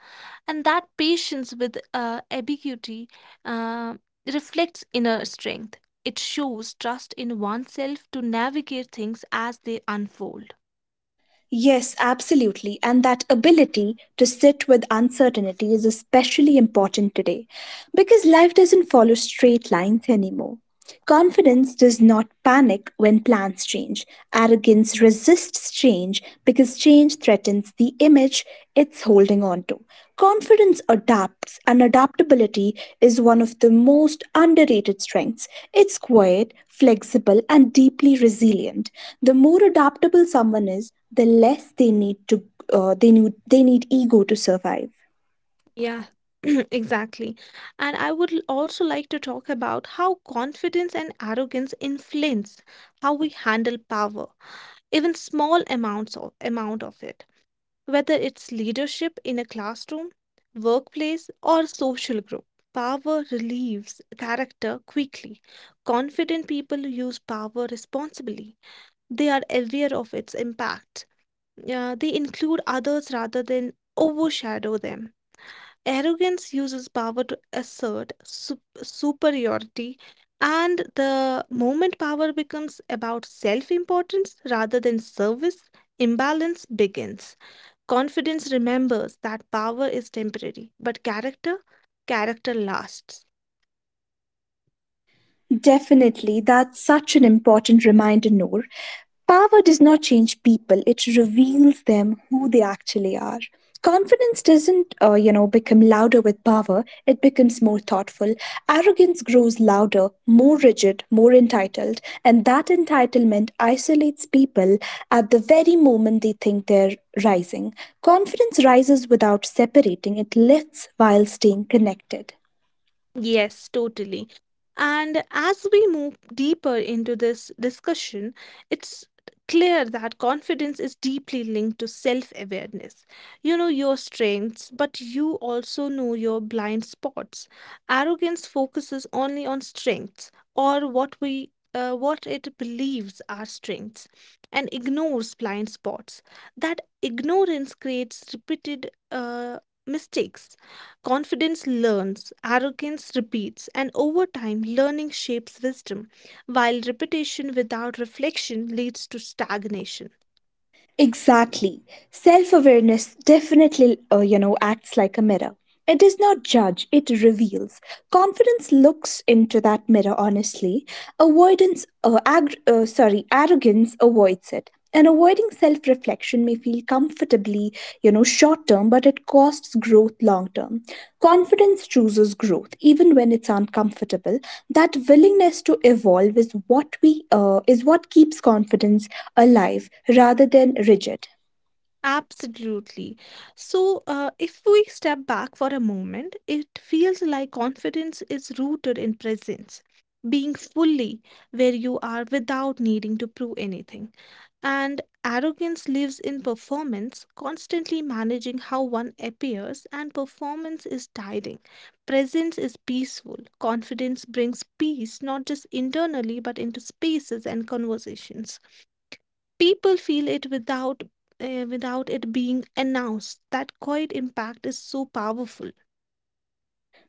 S2: and that patience with uh, ambiguity uh, reflects inner strength. It shows trust in oneself to navigate things as they unfold.
S1: Yes, absolutely, and that ability to sit with uncertainty is especially important today because life doesn't follow straight lines anymore. Confidence does not panic when plans change. Arrogance resists change because change threatens the image it's holding on to. Confidence adapts, and adaptability is one of the most underrated strengths. It's quiet, flexible, and deeply resilient. The more adaptable someone is, the less they need to uh, they need they need ego to survive.
S2: Yeah, exactly. And I would l- also like to talk about how confidence and arrogance influence how we handle power, even small amounts of amount of it. Whether it's leadership in a classroom, workplace, or social group, power relieves character quickly. Confident people use power responsibly, they are aware of its impact. Uh, they include others rather than overshadow them. Arrogance uses power to assert sup- superiority, and the moment power becomes about self importance rather than service, imbalance begins. Confidence remembers that power is temporary, but character, character lasts.
S1: Definitely, that's such an important reminder, Noor. Power does not change people, it reveals them who they actually are. Confidence doesn't, uh, you know, become louder with power, it becomes more thoughtful. Arrogance grows louder, more rigid, more entitled, and that entitlement isolates people at the very moment they think they're rising. Confidence rises without separating, it lifts while staying connected.
S2: Yes, totally. And as we move deeper into this discussion, it's clear that confidence is deeply linked to self awareness. You know your strengths, but you also know your blind spots. Arrogance focuses only on strengths, or what we uh, what it believes are strengths, and ignores blind spots. That ignorance creates repeated uh, mistakes. Confidence learns, arrogance repeats, and over time, learning shapes wisdom, while repetition without reflection leads to stagnation.
S1: Exactly. Self awareness definitely, uh, you know, acts like a mirror. It does not judge, it reveals. Confidence looks into that mirror honestly. Avoidance, uh, ag- uh, sorry, arrogance avoids it. And avoiding self reflection may feel comfortably, you know, short term, but it costs growth long term. Confidence chooses growth, even when it's uncomfortable. That willingness to evolve is what we uh, is what keeps confidence alive rather than rigid.
S2: Absolutely. So, uh, if we step back for a moment, it feels like confidence is rooted in presence, being fully where you are without needing to prove anything. And arrogance lives in performance, constantly managing how one appears, and performance is tiring. Presence is peaceful. Confidence brings peace, not just internally, but into spaces and conversations. People feel it without. Uh, without it being announced, that quiet impact is so powerful.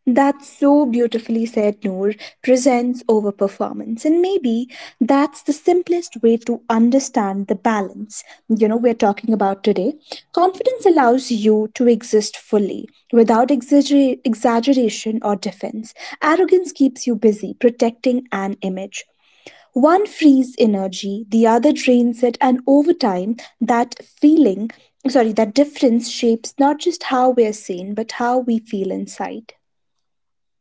S1: That's so beautifully said, Noor. Presence over performance. And maybe that's the simplest way to understand the balance, you know, we're talking about today. Confidence allows you to exist fully without exagger- exaggeration or defense. Arrogance keeps you busy protecting an image. One frees energy, the other drains it, and over time, that feeling sorry, that difference shapes not just how we're seen, but how we feel inside.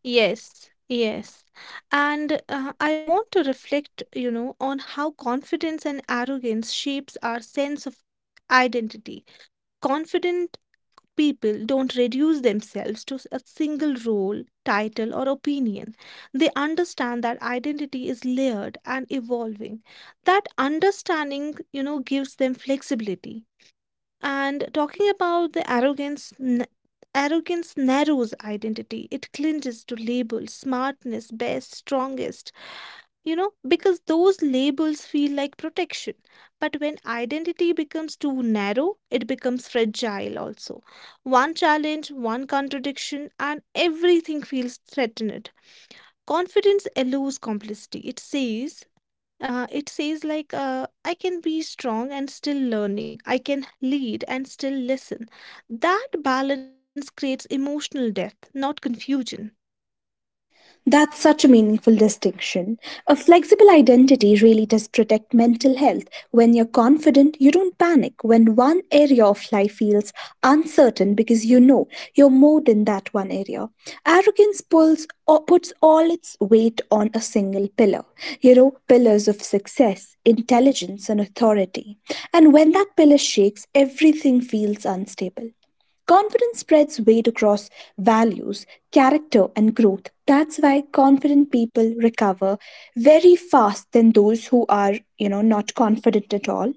S2: Yes, yes. And uh, I want to reflect, you know, on how confidence and arrogance shapes our sense of identity. Confident people don't reduce themselves to a single role, title, or opinion. They understand that identity is layered and evolving. That understanding, you know, gives them flexibility. And talking about the arrogance, n- arrogance narrows identity. It clinches to labels, smartness, best, strongest, you know, because those labels feel like protection. But when identity becomes too narrow, it becomes fragile also. One challenge, one contradiction, and everything feels threatened. Confidence eludes complicity. It says, uh, it says like, uh, I can be strong and still learning. I can lead and still listen. That balance creates emotional depth, not confusion.
S1: That's such a meaningful distinction. A flexible identity really does protect mental health. When you're confident, you don't panic when one area of life feels uncertain because you know you're more than that one area. Arrogance pulls or puts all its weight on a single pillar. You know, pillars of success, intelligence, and authority. And when that pillar shakes, everything feels unstable. Confidence spreads weight across values, character, and growth. That's why confident people recover very fast than those who are, you know, not confident at all.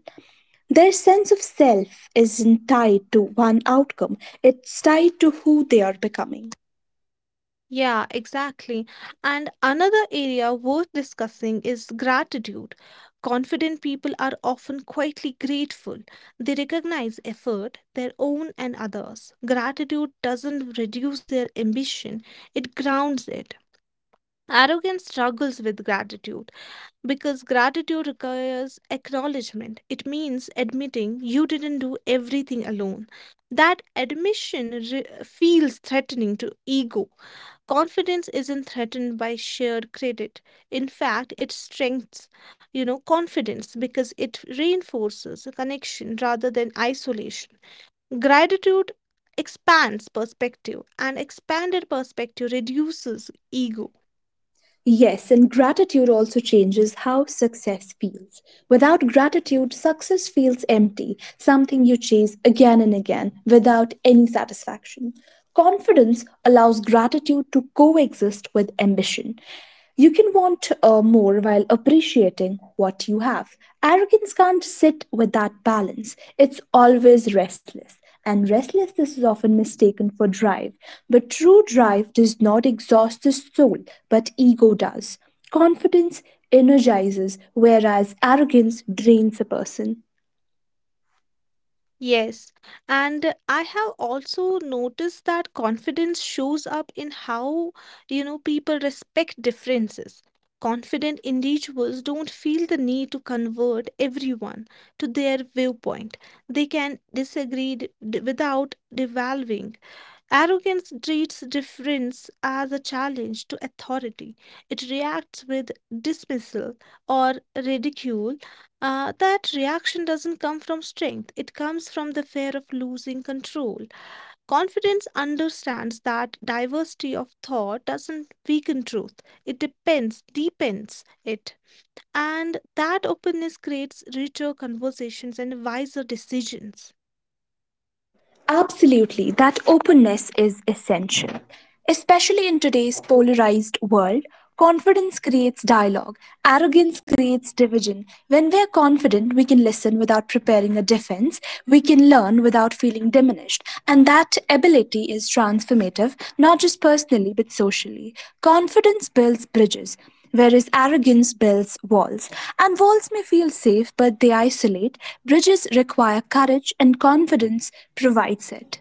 S1: Their sense of self isn't tied to one outcome, it's tied to who they are becoming.
S2: Yeah, exactly. And another area worth discussing is gratitude. Confident people are often quietly grateful. They recognize effort, their own and others. Gratitude doesn't reduce their ambition, it grounds it. Arrogance struggles with gratitude because gratitude requires acknowledgement. It means admitting you didn't do everything alone. That admission re- feels threatening to ego. Confidence isn't threatened by shared credit. In fact, it strengthens, you know, confidence because it reinforces a connection rather than isolation. Gratitude expands perspective, and expanded perspective reduces ego.
S1: Yes, and gratitude also changes how success feels. Without gratitude, success feels empty, something you chase again and again without any satisfaction. Confidence allows gratitude to coexist with ambition. You can want uh, more while appreciating what you have. Arrogance can't sit with that balance. It's always restless. And restlessness is often mistaken for drive. But true drive does not exhaust the soul, but ego does. Confidence energizes, whereas arrogance drains a person.
S2: Yes, and I have also noticed that confidence shows up in how, you know, people respect differences. Confident individuals don't feel the need to convert everyone to their viewpoint. They can disagree d- d- without devaluing. Arrogance treats difference as a challenge to authority. It reacts with dismissal or ridicule. Uh, that reaction doesn't come from strength, it comes from the fear of losing control. Confidence understands that diversity of thought doesn't weaken truth, it depends, deepens it. And that openness creates richer conversations and wiser decisions.
S1: Absolutely, that openness is essential. Especially in today's polarized world, confidence creates dialogue, arrogance creates division. When we are confident, we can listen without preparing a defense, we can learn without feeling diminished, and that ability is transformative, not just personally but socially. Confidence builds bridges, whereas arrogance builds walls. And walls may feel safe, but they isolate. Bridges require courage, and confidence provides it.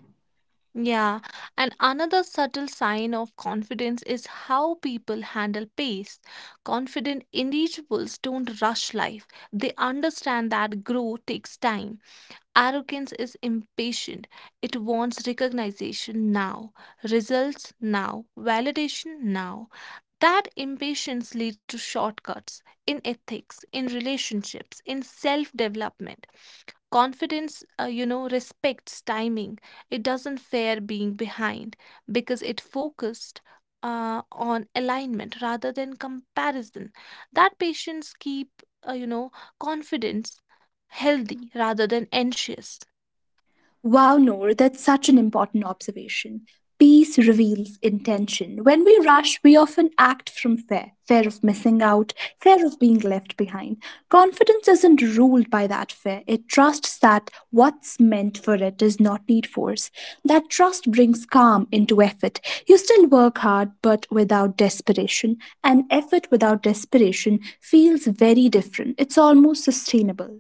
S2: Yeah, and another subtle sign of confidence is how people handle pace. Confident individuals don't rush life, they understand that growth takes time. Arrogance is impatient, it wants recognition now, results now, validation now. That impatience leads to shortcuts in ethics, in relationships, in self development. Confidence, uh, you know, respects timing. It doesn't fear being behind because it focused uh, on alignment rather than comparison. That patience keep, uh, you know, confidence healthy rather than anxious.
S1: Wow, Noor, that's such an important observation. Peace reveals intention. When we rush, we often act from fear fear of missing out, fear of being left behind. Confidence isn't ruled by that fear, it trusts that what's meant for it does not need force. That trust brings calm into effort. You still work hard, but without desperation. And effort without desperation feels very different, it's almost sustainable.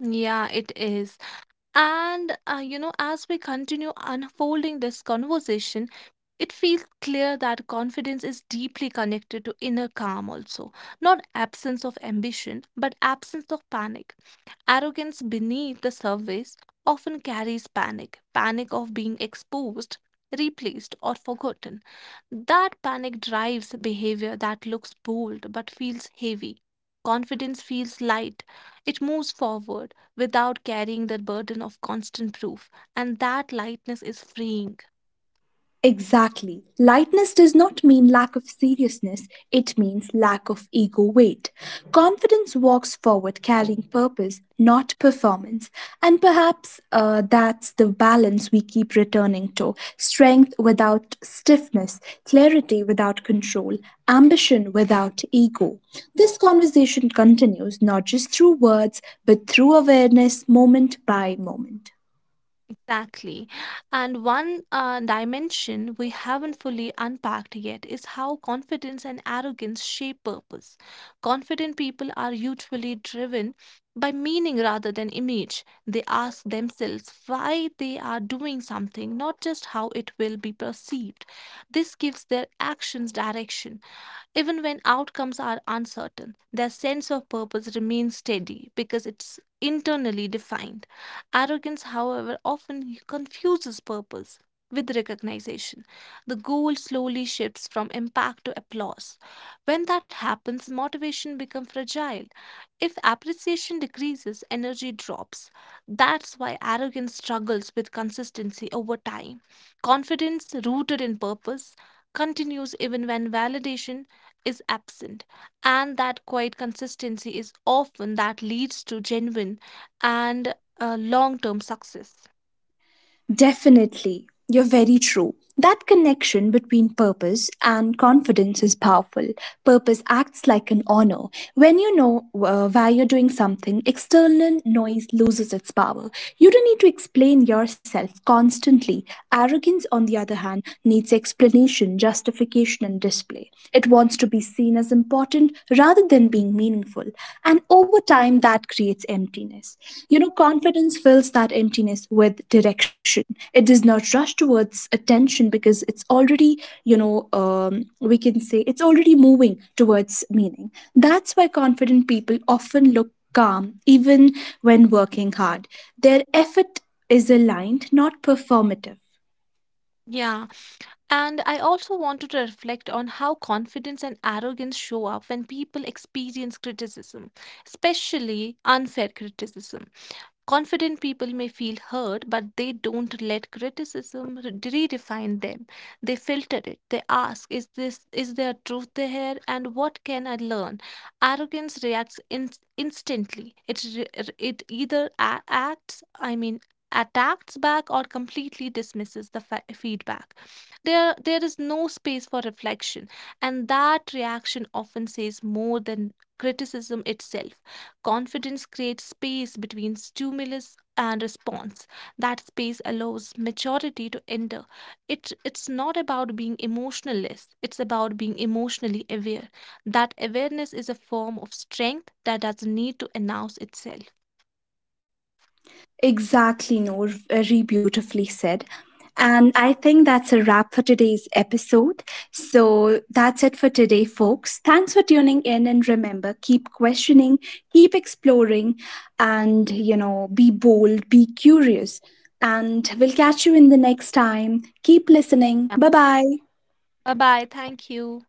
S2: Yeah, it is. And, uh, you know, as we continue unfolding this conversation, it feels clear that confidence is deeply connected to inner calm also. Not absence of ambition, but absence of panic. Arrogance beneath the surface often carries panic, panic of being exposed, replaced, or forgotten. That panic drives behavior that looks bold but feels heavy. Confidence feels light. It moves forward without carrying the burden of constant proof, and that lightness is freeing.
S1: Exactly. Lightness does not mean lack of seriousness, it means lack of ego weight. Confidence walks forward carrying purpose, not performance. And perhaps uh, that's the balance we keep returning to: strength without stiffness, clarity without control, ambition without ego. This conversation continues not just through words, but through awareness moment by moment.
S2: Exactly. And one uh, dimension we haven't fully unpacked yet is how confidence and arrogance shape purpose. Confident people are usually driven by meaning rather than image. They ask themselves why they are doing something, not just how it will be perceived. This gives their actions direction. Even when outcomes are uncertain, their sense of purpose remains steady because it's internally defined. Arrogance, however, often confuses purpose with recognition. The goal slowly shifts from impact to applause. When that happens, motivation becomes fragile. If appreciation decreases, energy drops. That's why arrogance struggles with consistency over time. Confidence, rooted in purpose, continues even when validation is absent. And that quiet consistency is often that leads to genuine and uh, long term success.
S1: Definitely. You're very true. That connection between purpose and confidence is powerful. Purpose acts like an honor. When you know uh, why you're doing something, external noise loses its power. You don't need to explain yourself constantly. Arrogance, on the other hand, needs explanation, justification, and display. It wants to be seen as important rather than than being meaningful. And over time, that creates emptiness. You know, confidence fills that emptiness with direction. It does not rush towards attention because it's already, you know, um, we can say it's already moving towards meaning. That's why confident people often look calm even when working hard. Their effort is aligned, not performative.
S2: Yeah. And I also wanted to reflect on how confidence and arrogance show up when people experience criticism, especially unfair criticism. Confident people may feel hurt, but they don't let criticism re- redefine them. They filter it. They ask, "Is this is there truth there? And what can I learn?" Arrogance reacts in, instantly. It re- it either a- acts, I mean, attacks back or completely dismisses the fa- feedback. There there is no space for reflection, and that reaction often says more than criticism itself. Confidence creates space between stimulus and response. That space allows maturity to enter. It, it's not about being emotionless, it's about being emotionally aware. That awareness is a form of strength that doesn't need to announce itself.
S1: Exactly, Noor. Very beautifully said. And I think that's a wrap for today's episode. So that's it for today, folks. Thanks for tuning in. And remember, keep questioning, keep exploring, and, you know, be bold, be curious. And we'll catch you in the next time. Keep listening. Bye bye.
S2: Bye bye. Thank you.